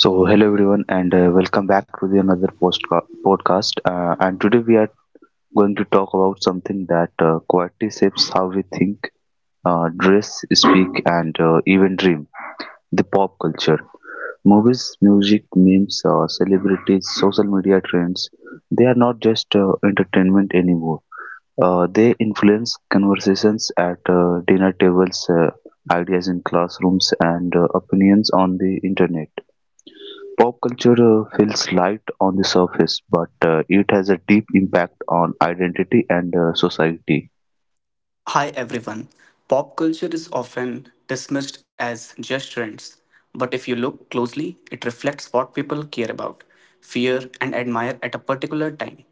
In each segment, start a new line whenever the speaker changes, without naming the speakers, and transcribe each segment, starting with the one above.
So, hello everyone, and welcome back to the another post podcast. And today we are going to talk about something that quietly shapes how we think, dress, speak, and even dream the pop culture. Movies, music, memes, celebrities, social media trends they are not just entertainment anymore. They influence conversations at dinner tables, ideas in classrooms, and opinions on the internet. Pop culture feels light on the surface, but it has a deep impact on identity and society.
Hi everyone. Pop culture is often dismissed as just trends, but if you look closely, it reflects what people care about, fear, and admire at a particular time.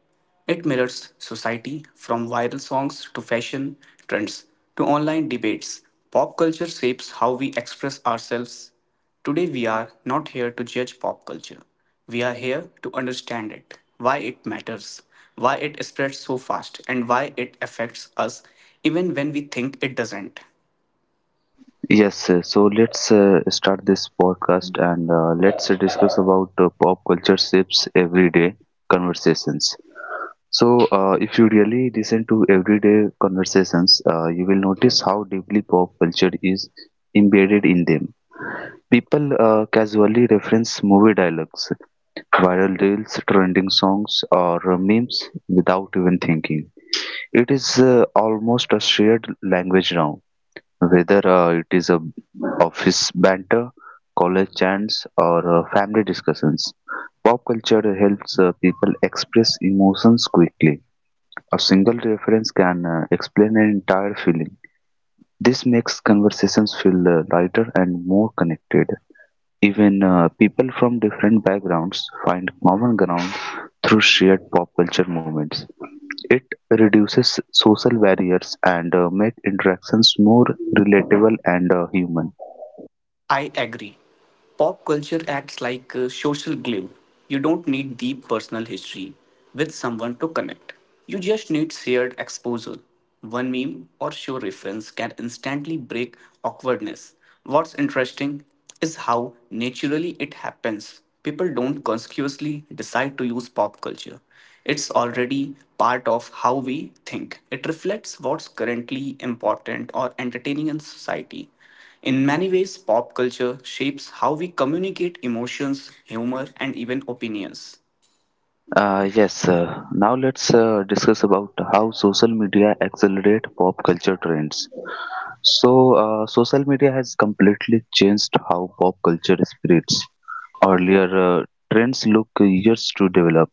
It mirrors society from viral songs to fashion trends to online debates. Pop culture shapes how we express ourselves. Today we are not here to judge pop culture. We are here to understand it, why it matters, why it spreads so fast, and why it affects us even when we think it doesn't.
Yes, so let's start this podcast and let's discuss about pop culture shapes everyday conversations. So, if you really listen to everyday conversations, you will notice how deeply pop culture is embedded in them. People casually reference movie dialogues, viral reels, trending songs, or memes without even thinking. It is almost a shared language now, whether it is a office banter, college chants, or family discussions. Pop culture helps people express emotions quickly. A single reference can explain an entire feeling. This makes conversations feel lighter and more connected. Even people from different backgrounds find common ground through shared pop culture movements. It reduces social barriers and make interactions more relatable and human.
I agree. Pop culture acts like a social glue. You don't need deep personal history with someone to connect. You just need shared exposure. One meme or show reference can instantly break awkwardness. What's interesting is how naturally it happens. People don't consciously decide to use pop culture. It's already part of how we think. It reflects what's currently important or entertaining in society. In many ways, pop culture shapes how we communicate emotions, humor, and even opinions.
Yes, now let's discuss about how social media accelerate pop culture trends. So, social media has completely changed how pop culture spreads. Earlier, uh, trends look years to develop.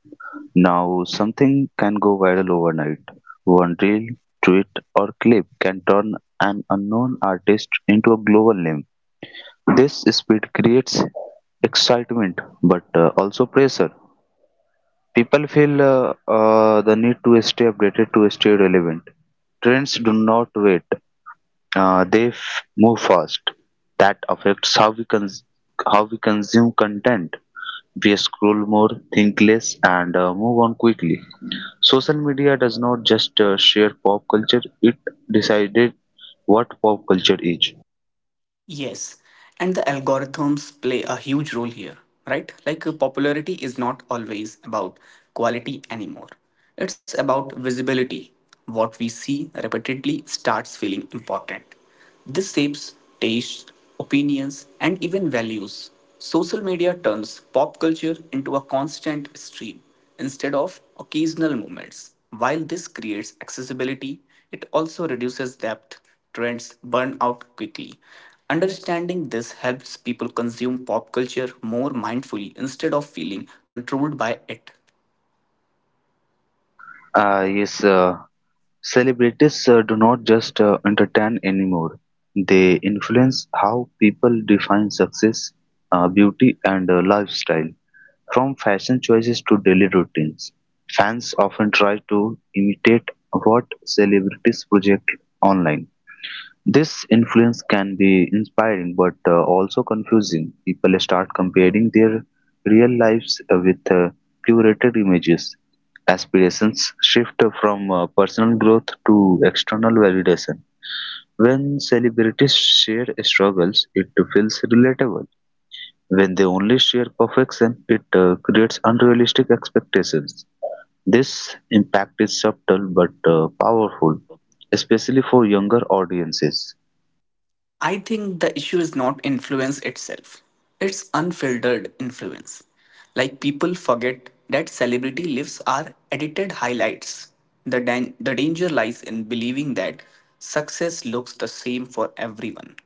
Now, something can go viral overnight. One reel, tweet, or clip can turn an unknown artist into a global name. This speed creates excitement but also pressure. People feel the need to stay updated to stay relevant. Trends do not wait, move fast. That affects how we consume content. We scroll more, think less, and move on quickly. Social media does not just share pop culture, it decided what pop culture is.
Yes, and the algorithms play a huge role here, right? Like popularity is not always about quality anymore. It's about visibility. What we see repeatedly starts feeling important. This shapes taste, opinions, and even values. Social media turns pop culture into a constant stream instead of occasional moments. While this creates accessibility, it also reduces depth. Trends burn out quickly. Understanding this helps people consume pop culture more mindfully instead of feeling controlled by it.
Uh, yes, uh, celebrities do not just entertain anymore, they influence how people define success, beauty, and lifestyle. From fashion choices to daily routines, fans often try to imitate what celebrities project online. This influence can be inspiring but also confusing. People start comparing their real lives with curated images. Aspirations shift from personal growth to external validation. When celebrities share struggles, it feels relatable. When they only share perfection, it creates unrealistic expectations. This impact is subtle but powerful, especially for younger audiences.
I think the issue is not influence itself, it's unfiltered influence. Like people forget that celebrity lives are edited highlights. The danger lies in believing that success looks the same for everyone.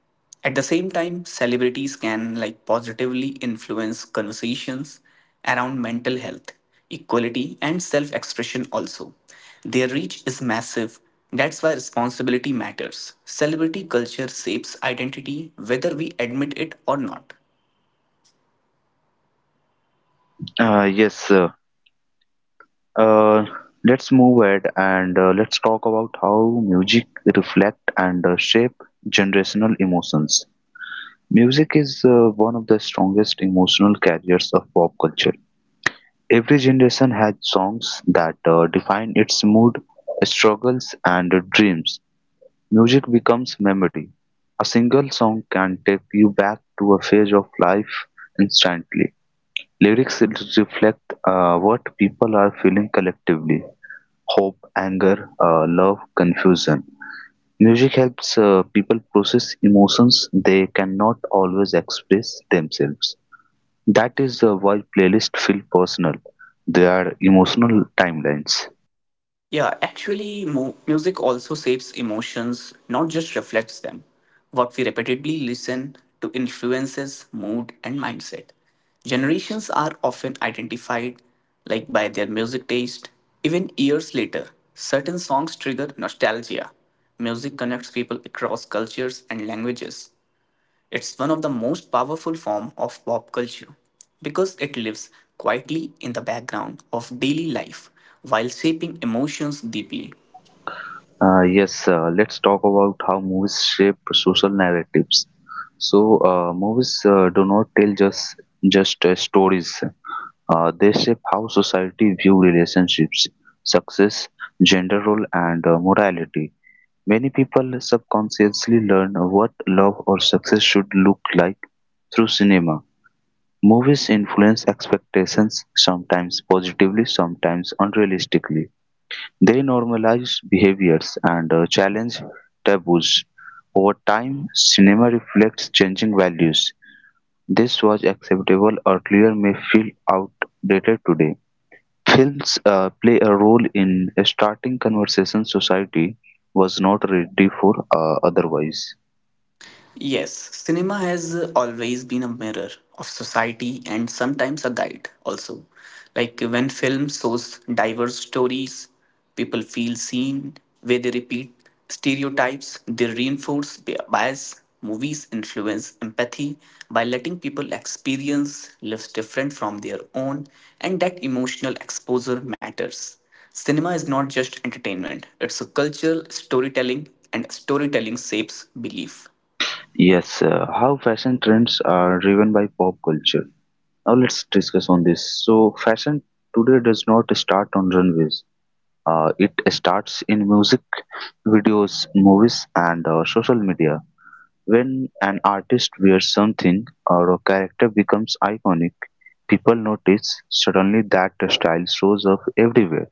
At the same time, celebrities can like positively influence conversations around mental health, equality and self-expression also. Their reach is massive. That's why responsibility matters. Celebrity culture shapes identity whether we admit it or not.
Uh, yes, uh, Uh, let's move ahead and let's talk about how music reflect and shape generational emotions. Music is one of the strongest emotional carriers of pop culture. Every generation had songs that define its mood, struggles, and dreams. Music becomes memory. A single song can take you back to a phase of life instantly. Lyrics reflect what people are feeling collectively hope, anger, love, confusion. Music helps people process emotions they cannot always express themselves. That is why playlists feel personal. They are emotional timelines.
Yeah, actually, music also shapes emotions, not just reflects them. What we repeatedly listen to influences mood and mindset. Generations are often identified like by their music taste. Even years later, certain songs trigger nostalgia. Music connects people across cultures and languages. It's one of the most powerful form of pop culture because it lives quietly in the background of daily life while shaping emotions deeply.
Yes, let's talk about how movies shape social narratives. So, movies do not tell just stories. They shape how society view relationships, success, gender role, and morality. Many people subconsciously learn what love or success should look like through cinema. Movies influence expectations, sometimes positively, sometimes unrealistically. They normalize behaviors and challenge taboos. Over time, cinema reflects changing values. This was acceptable earlier may feel outdated today. Films play a role in starting conversations society was not ready for otherwise.
Yes, cinema has always been a mirror of society and sometimes a guide also. Like when film shows diverse stories, people feel seen, where they repeat stereotypes, they reinforce bias. Movies influence empathy by letting people experience lives different from their own, and that emotional exposure matters. Cinema is not just entertainment, it's a cultural storytelling, and storytelling shapes belief.
Yes, how fashion trends are driven by pop culture. Now let's discuss on this. So fashion today does not start on runways. It starts in music, videos, movies, and social media. When an artist wears something or a character becomes iconic, people notice suddenly that the style shows up everywhere.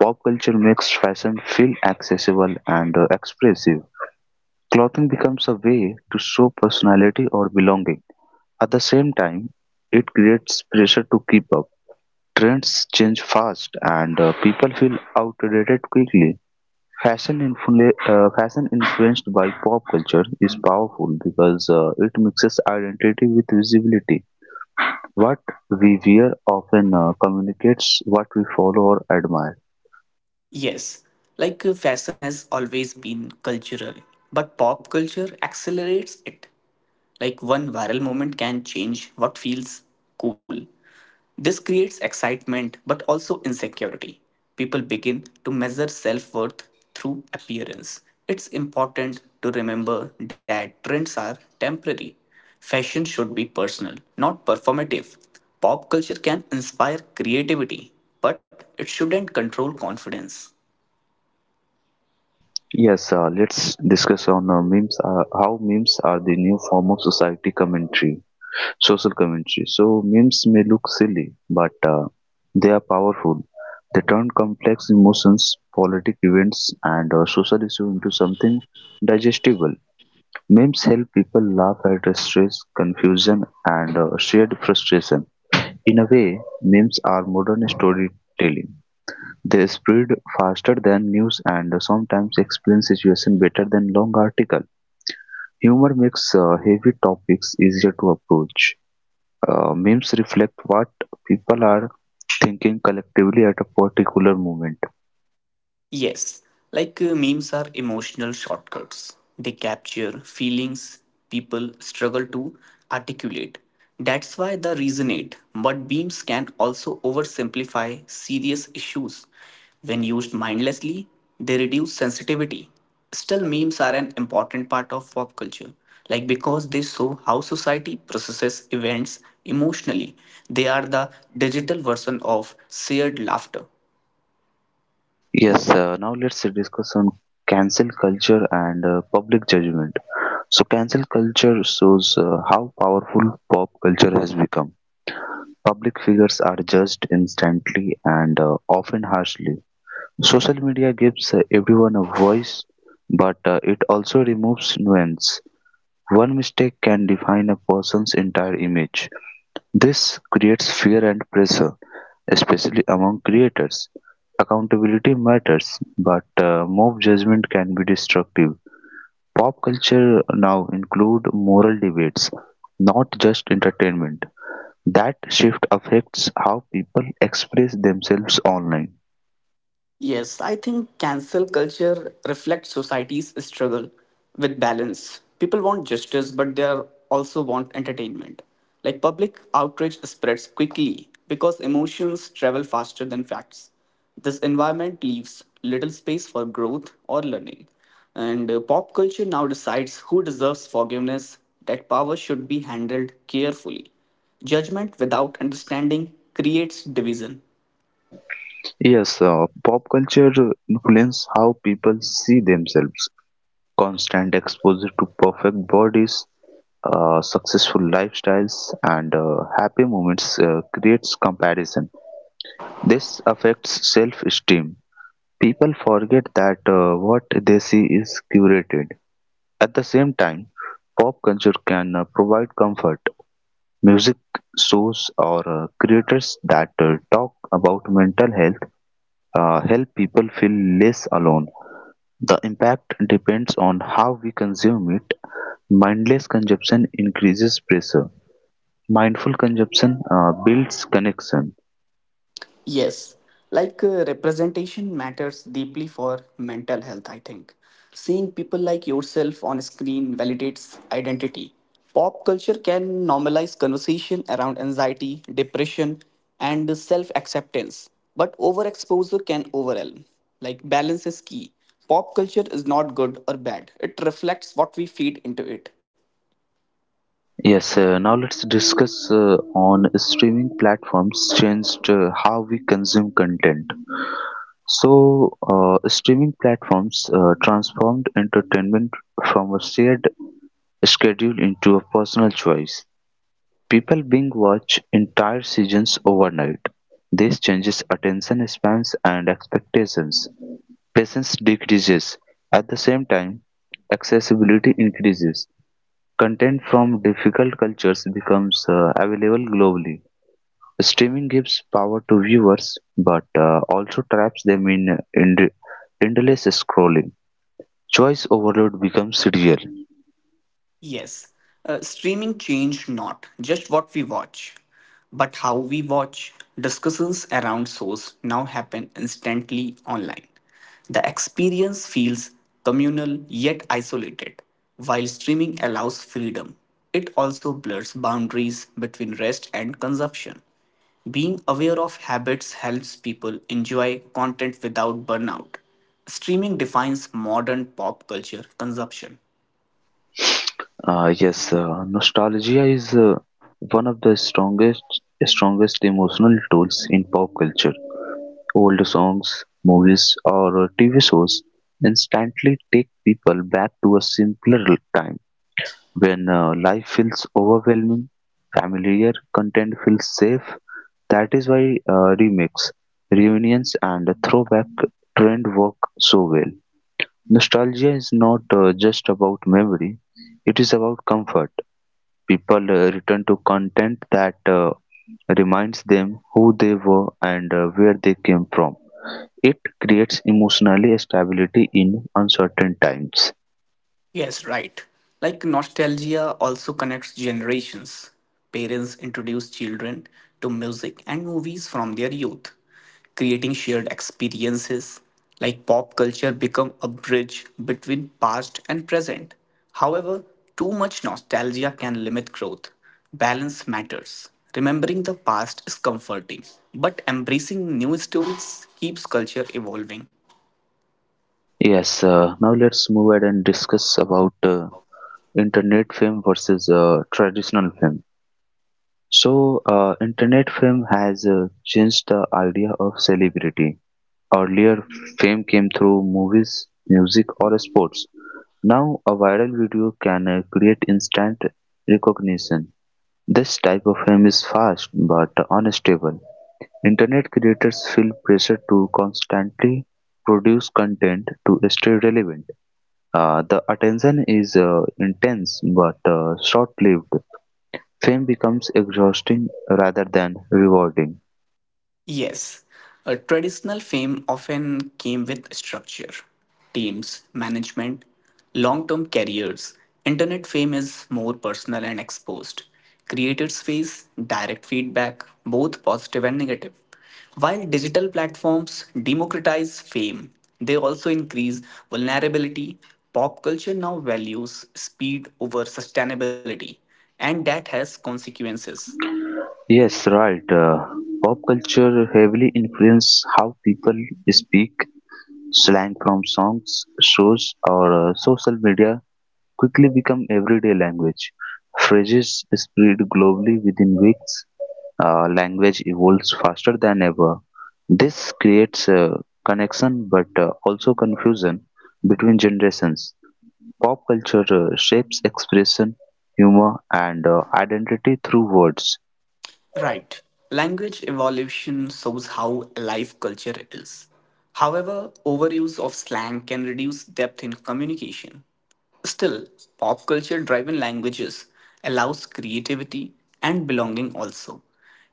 Pop culture makes fashion feel accessible and expressive. Clothing becomes a way to show personality or belonging. At the same time, it creates pressure to keep up. Trends change fast and people feel outdated quickly. Fashion influenced by pop culture is powerful because it mixes identity with visibility. What we wear often communicates what we follow or admire.
Yes, like fashion has always been cultural, but pop culture accelerates it. Like one viral moment can change what feels cool. This creates excitement but also insecurity. People begin to measure self worth through appearance. It's important to remember that trends are temporary. Fashion should be personal, not performative. Pop culture can inspire creativity, but it shouldn't control confidence.
Yes, let's discuss on memes. How memes are the new form of society commentary, social commentary. So memes may look silly, but they are powerful. They turn complex emotions, politic events, and social issues into something digestible. Memes help people laugh at stress, confusion, and shared frustration. In a way, memes are modern storytelling. They spread faster than news and sometimes explain situation better than long article. Humor makes heavy topics easier to approach. Memes reflect what people are thinking collectively at a particular moment.
Yes, like memes are emotional shortcuts. They capture feelings people struggle to articulate. That's why they resonate. But memes can also oversimplify serious issues. When used mindlessly, they reduce sensitivity. Still, memes are an important part of pop culture. Like because they show how society processes events emotionally, they are the digital version of shared laughter.
Yes, now let's discuss on cancel culture and public judgment. So, cancel culture shows how powerful pop culture has become. Public figures are judged instantly and often harshly. Social media gives everyone a voice, but it also removes nuance. One mistake can define a person's entire image. This creates fear and pressure, especially among creators. Accountability matters, but mob judgment can be destructive. Pop culture now include moral debates, not just entertainment. That shift affects how people express themselves online.
Yes, I think cancel culture reflects society's struggle with balance. People want justice, but also want entertainment. Like public outrage spreads quickly because emotions travel faster than facts. This environment leaves little space for growth or learning. And pop culture now decides who deserves forgiveness, that power should be handled carefully. Judgment without understanding creates division.
Yes, pop culture influence how people see themselves. Constant exposure to perfect bodies, successful lifestyles, and happy moments creates comparison. This affects self-esteem. People forget that what they see is curated. At the same time, pop culture can provide comfort. Music shows or creators that talk about mental health help people feel less alone. The impact depends on how we consume it. Mindless consumption increases pressure. Mindful consumption builds connection.
Yes, like representation matters deeply for mental health, I think. Seeing people like yourself on screen validates identity. Pop culture can normalize conversation around anxiety, depression, and self acceptance, but overexposure can overwhelm. Like, balance is key. Pop culture is not good or bad, it reflects what we feed into it.
Yes, now let's discuss on streaming platforms changed how we consume content. So, streaming platforms transformed entertainment from a shared schedule into a personal choice. People binge watch entire seasons overnight; this changes attention spans and expectations. Patience decreases; at the same time, accessibility increases. Content from difficult cultures becomes available globally. Streaming gives power to viewers but also traps them in endless scrolling. Choice overload becomes real.
Yes, streaming changed not just what we watch, but how we watch. Discussions around shows now happen instantly online. The experience feels communal yet isolated. While streaming allows freedom, it also blurs boundaries between rest and consumption. Being aware of habits helps people enjoy content without burnout. Streaming defines modern pop culture consumption.
Yes, Nostalgia is one of the strongest emotional tools in pop culture. Old songs, movies, or TV shows instantly take people back to a simpler time when life feels overwhelming, familiar content feels safe. That is why remakes, reunions, and throwback trend work so well. Nostalgia is not just about memory; it is about comfort people return to content that reminds them who they were and where they came from. It creates emotionally stability in uncertain times.
Yes, right. Like nostalgia also connects generations. Parents introduce children to music and movies from their youth, creating shared experiences. Like pop culture become a bridge between past and present. However, too much nostalgia can limit growth. Balance matters. Remembering the past is comforting, but embracing new stories keeps culture evolving.
Yes, now let's move ahead and discuss about internet fame versus traditional fame. So, internet fame has changed the idea of celebrity. Earlier, fame came through movies, music, or sports. Now, a viral video can create instant recognition. This type of fame is fast but unstable. Internet creators feel pressure to constantly produce content to stay relevant. The attention is intense but short lived. Fame becomes exhausting rather than rewarding.
Yes, a traditional fame often came with structure, teams, management, long term careers. Internet fame is more personal and exposed. Creator space, direct feedback, both positive and negative. While digital platforms democratize fame, they also increase vulnerability. Pop culture now values speed over sustainability, and that has consequences.
Yes, right. Pop culture heavily influences how people speak. Slang from songs, shows, or social media quickly become everyday language. Phrases spread globally within weeks. Language evolves faster than ever. This creates a connection but also confusion between generations. Pop culture shapes expression, humor, and identity through words.
Right. Language evolution shows how alive culture is. However, overuse of slang can reduce depth in communication. Still, pop culture driven languages allows creativity and belonging also.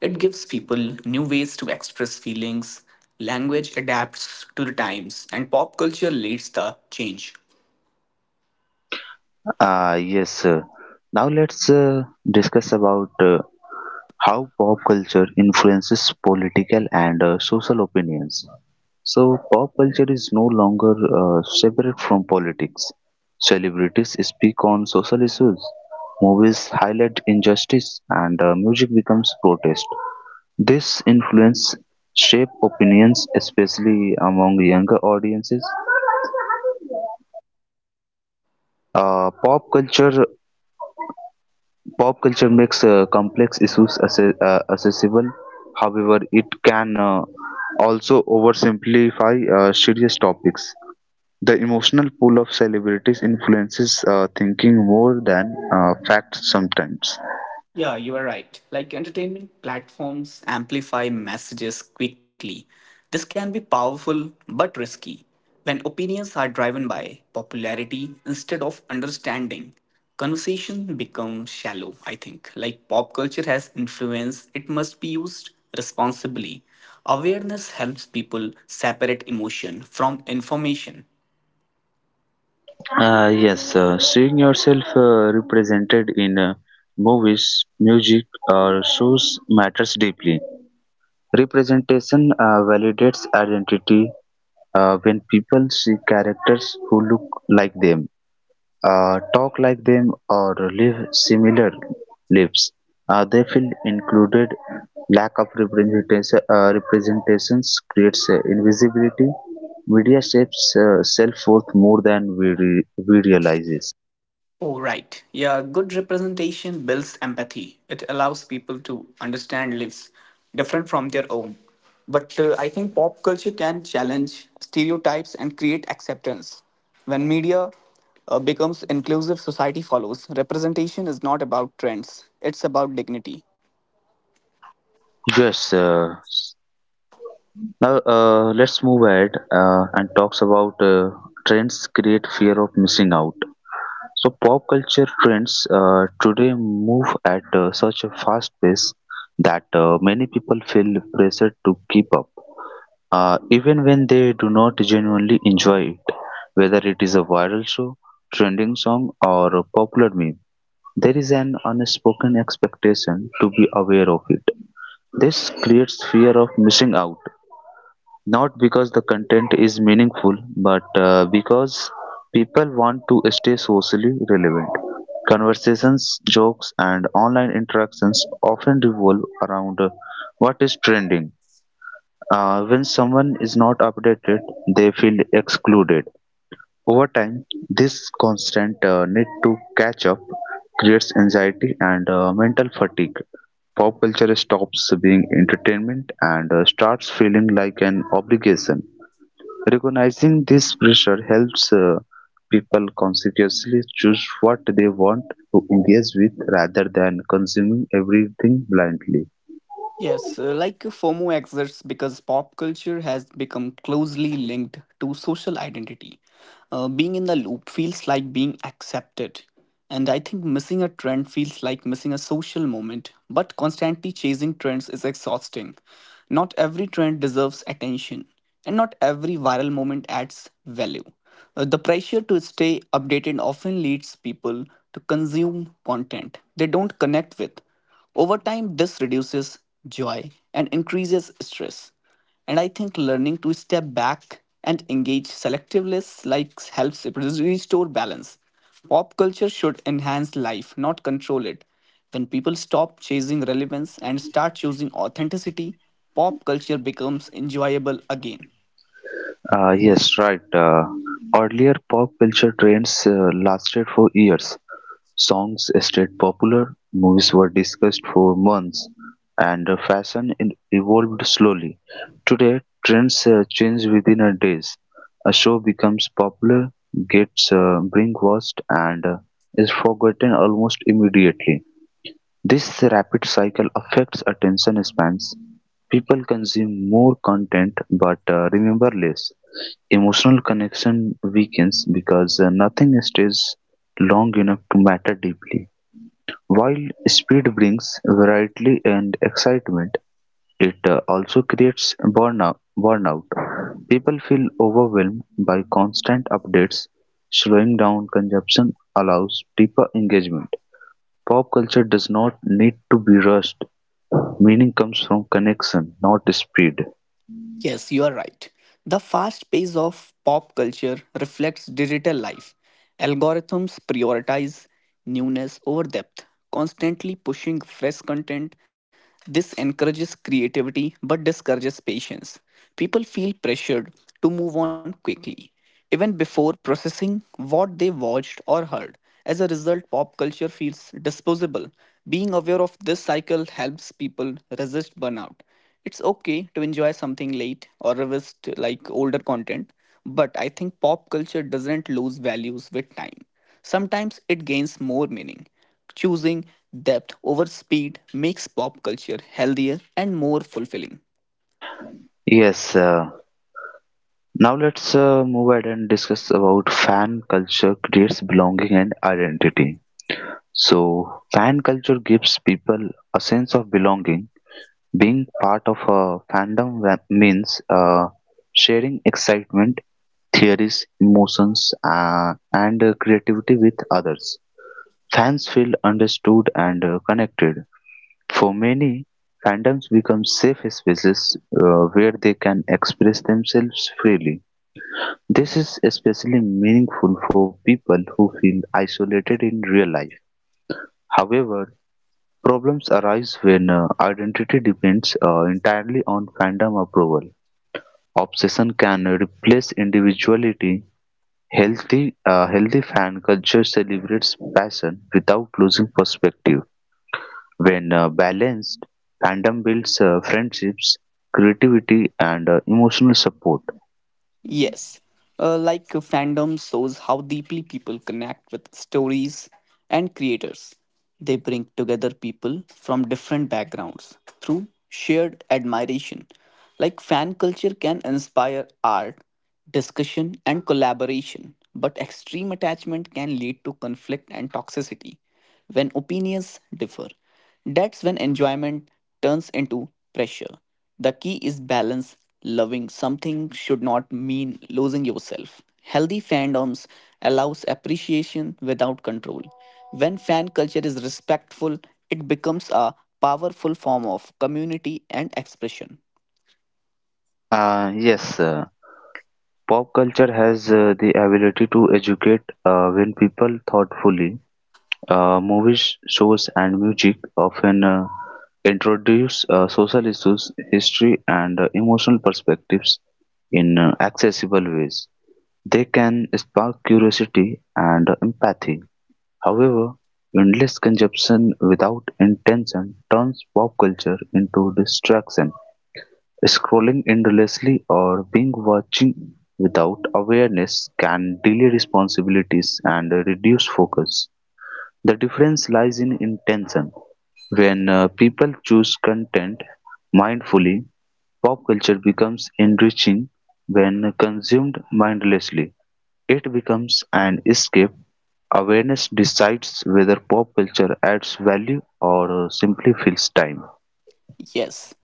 It gives people new ways to express feelings, language adapts to the times, and pop culture leads the change.
Uh, yes. uh, Now let's discuss about how pop culture influences political and social opinions. So, pop culture is no longer separate from politics. Celebrities speak on social issues, movies highlight injustice, and music becomes protest. This influence shape opinions, especially among younger audiences. Uh, pop culture Pop culture makes complex issues accessible. However, it can also oversimplify serious topics. The emotional pull of celebrities influences thinking more than facts sometimes.
Yeah, you are right. Like entertainment platforms amplify messages quickly. This can be powerful but risky when opinions are driven by popularity instead of understanding. Conversation becomes shallow, I think. Like pop culture has influence, it must be used responsibly. Awareness helps people separate emotion from information.
Yes, Seeing yourself represented in movies, music, or shows matters deeply. Representation validates identity when people see characters who look like them. Talk like them or live similar lives. They feel included. Lack of representations creates invisibility. Media shapes self-worth more than we realizes.
Oh, right. Yeah, good representation builds empathy. It allows people to understand lives different from their own. But I think pop culture can challenge stereotypes and create acceptance. When media becomes inclusive, society follows. Representation is not about trends, it's about dignity.
Yes. Now let's move ahead and talks about trends create fear of missing out. So pop culture trends today move at such a fast pace that many people feel pressured to keep up, even when they do not genuinely enjoy it. Whether it is a viral show, trending song, or a popular meme, there is an unspoken expectation to be aware of it. This creates fear of missing out not because the content is meaningful, but because people want to stay socially relevant. Conversations, jokes, and online interactions often revolve around what is trending. When someone is not updated, they feel excluded. Over time, this constant need to catch up creates anxiety and mental fatigue. Pop culture stops being entertainment and starts feeling like an obligation. Recognizing this pressure helps people consciously choose what they want to engage with rather than consuming everything blindly.
Yes, like FOMO exists because pop culture has become closely linked to social identity. Being in the loop feels like being accepted. And I think missing a trend feels like missing a social moment, but constantly chasing trends is exhausting. Not every trend deserves attention, and not every viral moment adds value. The pressure to stay updated often leads people to consume content they don't connect with over time, this reduces joy and increases stress. And I think learning to step back and engage selectively like helps restore balance. Pop culture should enhance life, not control it. When people stop chasing relevance and start choosing authenticity, pop culture becomes enjoyable again.
Yes, right. Earlier pop culture trends lasted for years, songs stayed popular, movies were discussed for months, and evolved slowly. Today, trends change within a days. A show becomes popular, gets watched, and is forgotten almost immediately. This rapid cycle affects attention spans; people consume more content but remember less; emotional connection weakens because nothing stays long enough to matter deeply. While speed brings variety and excitement, it also creates burnout. People feel overwhelmed by constant updates. Slowing down consumption allows deeper engagement. Pop culture does not need to be rushed, meaning comes from connection, not speed.
Yes, you are right. The fast pace of pop culture reflects digital life. Algorithms prioritize newness over depth, constantly pushing fresh content. This encourages creativity but discourages patience. People feel pressured to move on quickly, even before processing what they watched or heard. As a result, pop culture feels disposable. Being aware of this cycle helps people resist burnout. It's okay to enjoy something late or revisit like older content, but I think pop culture doesn't lose values with time. Sometimes it gains more meaning. Choosing depth over speed makes pop culture healthier and more fulfilling.
Yes, now let's move ahead and discuss about fan culture creates belonging and identity. So, fan culture gives people a sense of belonging. Being part of a means sharing excitement, theories, emotions, and creativity with others. Fans feel understood and connected. For many, fandoms become safe spaces where they can express themselves freely. This is especially meaningful for people who feel isolated in real life. However, problems arise when identity depends entirely on fandom approval. Obsession can replace individuality. Healthy fan culture celebrates passion without losing perspective. When balanced, fandom builds friendships, creativity, and emotional support.
Yes, like fandom shows how deeply people connect with stories and creators. They bring together people from different backgrounds through shared admiration. Like fan culture can inspire art, discussion, and collaboration, but extreme attachment can lead to conflict and toxicity when opinions differ. That's when enjoyment turns into pressure. The key is balance. Loving something should not mean losing yourself. Healthy fandoms allows appreciation without control. When fan culture is respectful, it becomes a powerful form of community and expression.
Yes, pop culture has the ability to educate when people thoughtfully. Movies, shows, and music often introduce social issues, history, and emotional perspectives in accessible ways. They can spark curiosity and empathy. However, endless consumption without intention turns pop culture into distraction. Scrolling endlessly or being watching without awareness can delay responsibilities and reduce focus. The difference lies in intention. When people choose content mindfully, pop culture becomes enriching. When consumed mindlessly, it becomes an escape. Awareness decides whether pop culture adds value or simply fills time.
Yes,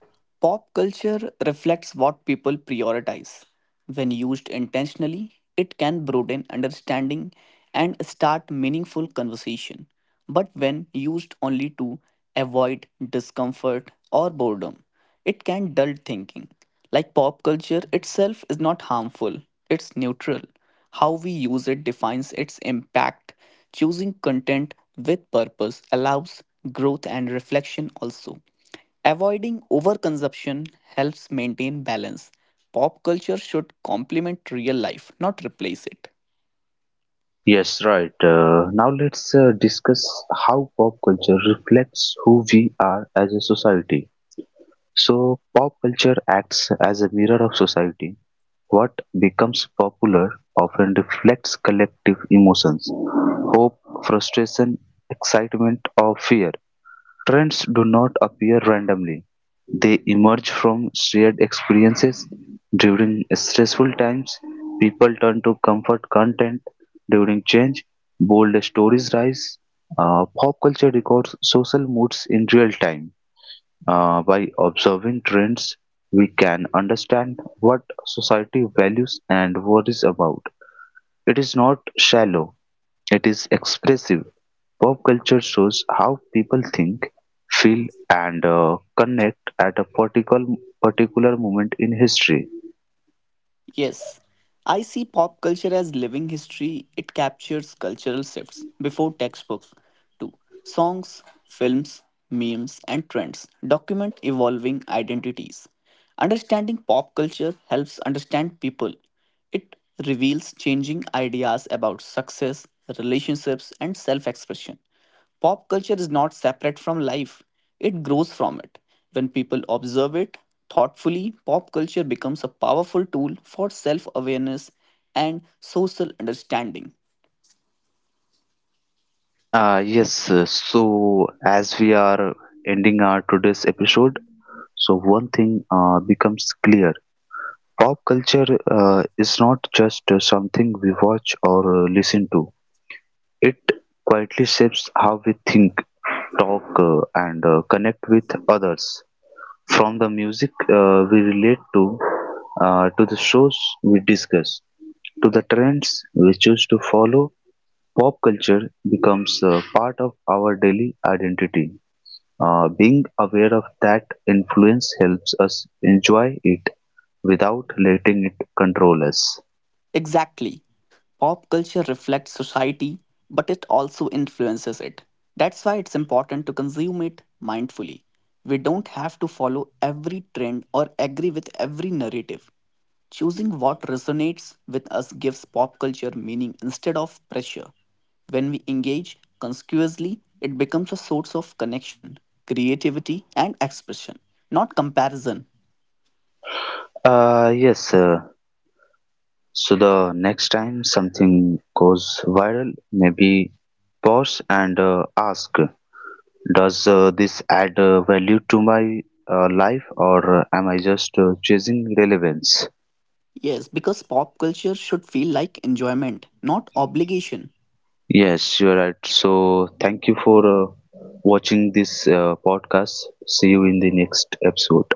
pop culture reflects what people prioritize. When used intentionally, it can broaden understanding and start meaningful conversation. But when used only to avoid discomfort or boredom, it can dull thinking. Like pop culture itself is not harmful, it's neutral. How we use it defines its impact. Choosing content with purpose allows growth and reflection also. Avoiding overconsumption helps maintain balance. Pop culture should complement real life, not replace it.
Yes, right. Now let's discuss how pop culture reflects who we are as a society. So, pop culture acts as a mirror of society. What becomes popular often reflects collective emotions hope, frustration, excitement, or fear. Trends do not appear randomly; they emerge from shared experiences. During stressful times, people turn to comfort content. During change, bold stories rise. Pop culture records social moods in real time. By observing trends, we can understand what society values and worries about. It is not shallow, it is expressive. Pop culture shows how people think, feel, and connect at a particular moment in history.
Yes, I see pop culture as living history. It captures cultural shifts before textbooks too. Songs, films, memes, and trends document evolving identities. Understanding pop culture helps understand people. It reveals changing ideas about success, relationships, and self expression. Pop culture is not separate from life, it grows from it. When people observe it thoughtfully, pop culture becomes a powerful tool for self awareness and social understanding.
Yes, so as we are ending our today's episode, so one thing becomes clear. Pop culture is not just something we watch or listen to. It quietly shapes how we think, talk, and connect with others. From the music we relate to the shows we discuss, to the trends we choose to follow, pop culture becomes part of our daily identity. Being aware of that influence helps us enjoy it without letting it control us.
Exactly. Pop culture reflects society, but it also influences it. That's why it's important to consume it mindfully. We don't have to follow every trend or agree with every narrative. Choosing what resonates with us gives pop culture meaning instead of pressure. When we engage conspicuously, it becomes a source of connection, creativity, and expression, not comparison.
Yes, so the next time something goes viral, maybe pause and ask, does this add value to my life, or am I just chasing relevance?
Yes, because pop culture should feel like enjoyment, not obligation.
Yes, you're right. So, thank you for watching this podcast. See you in the next episode.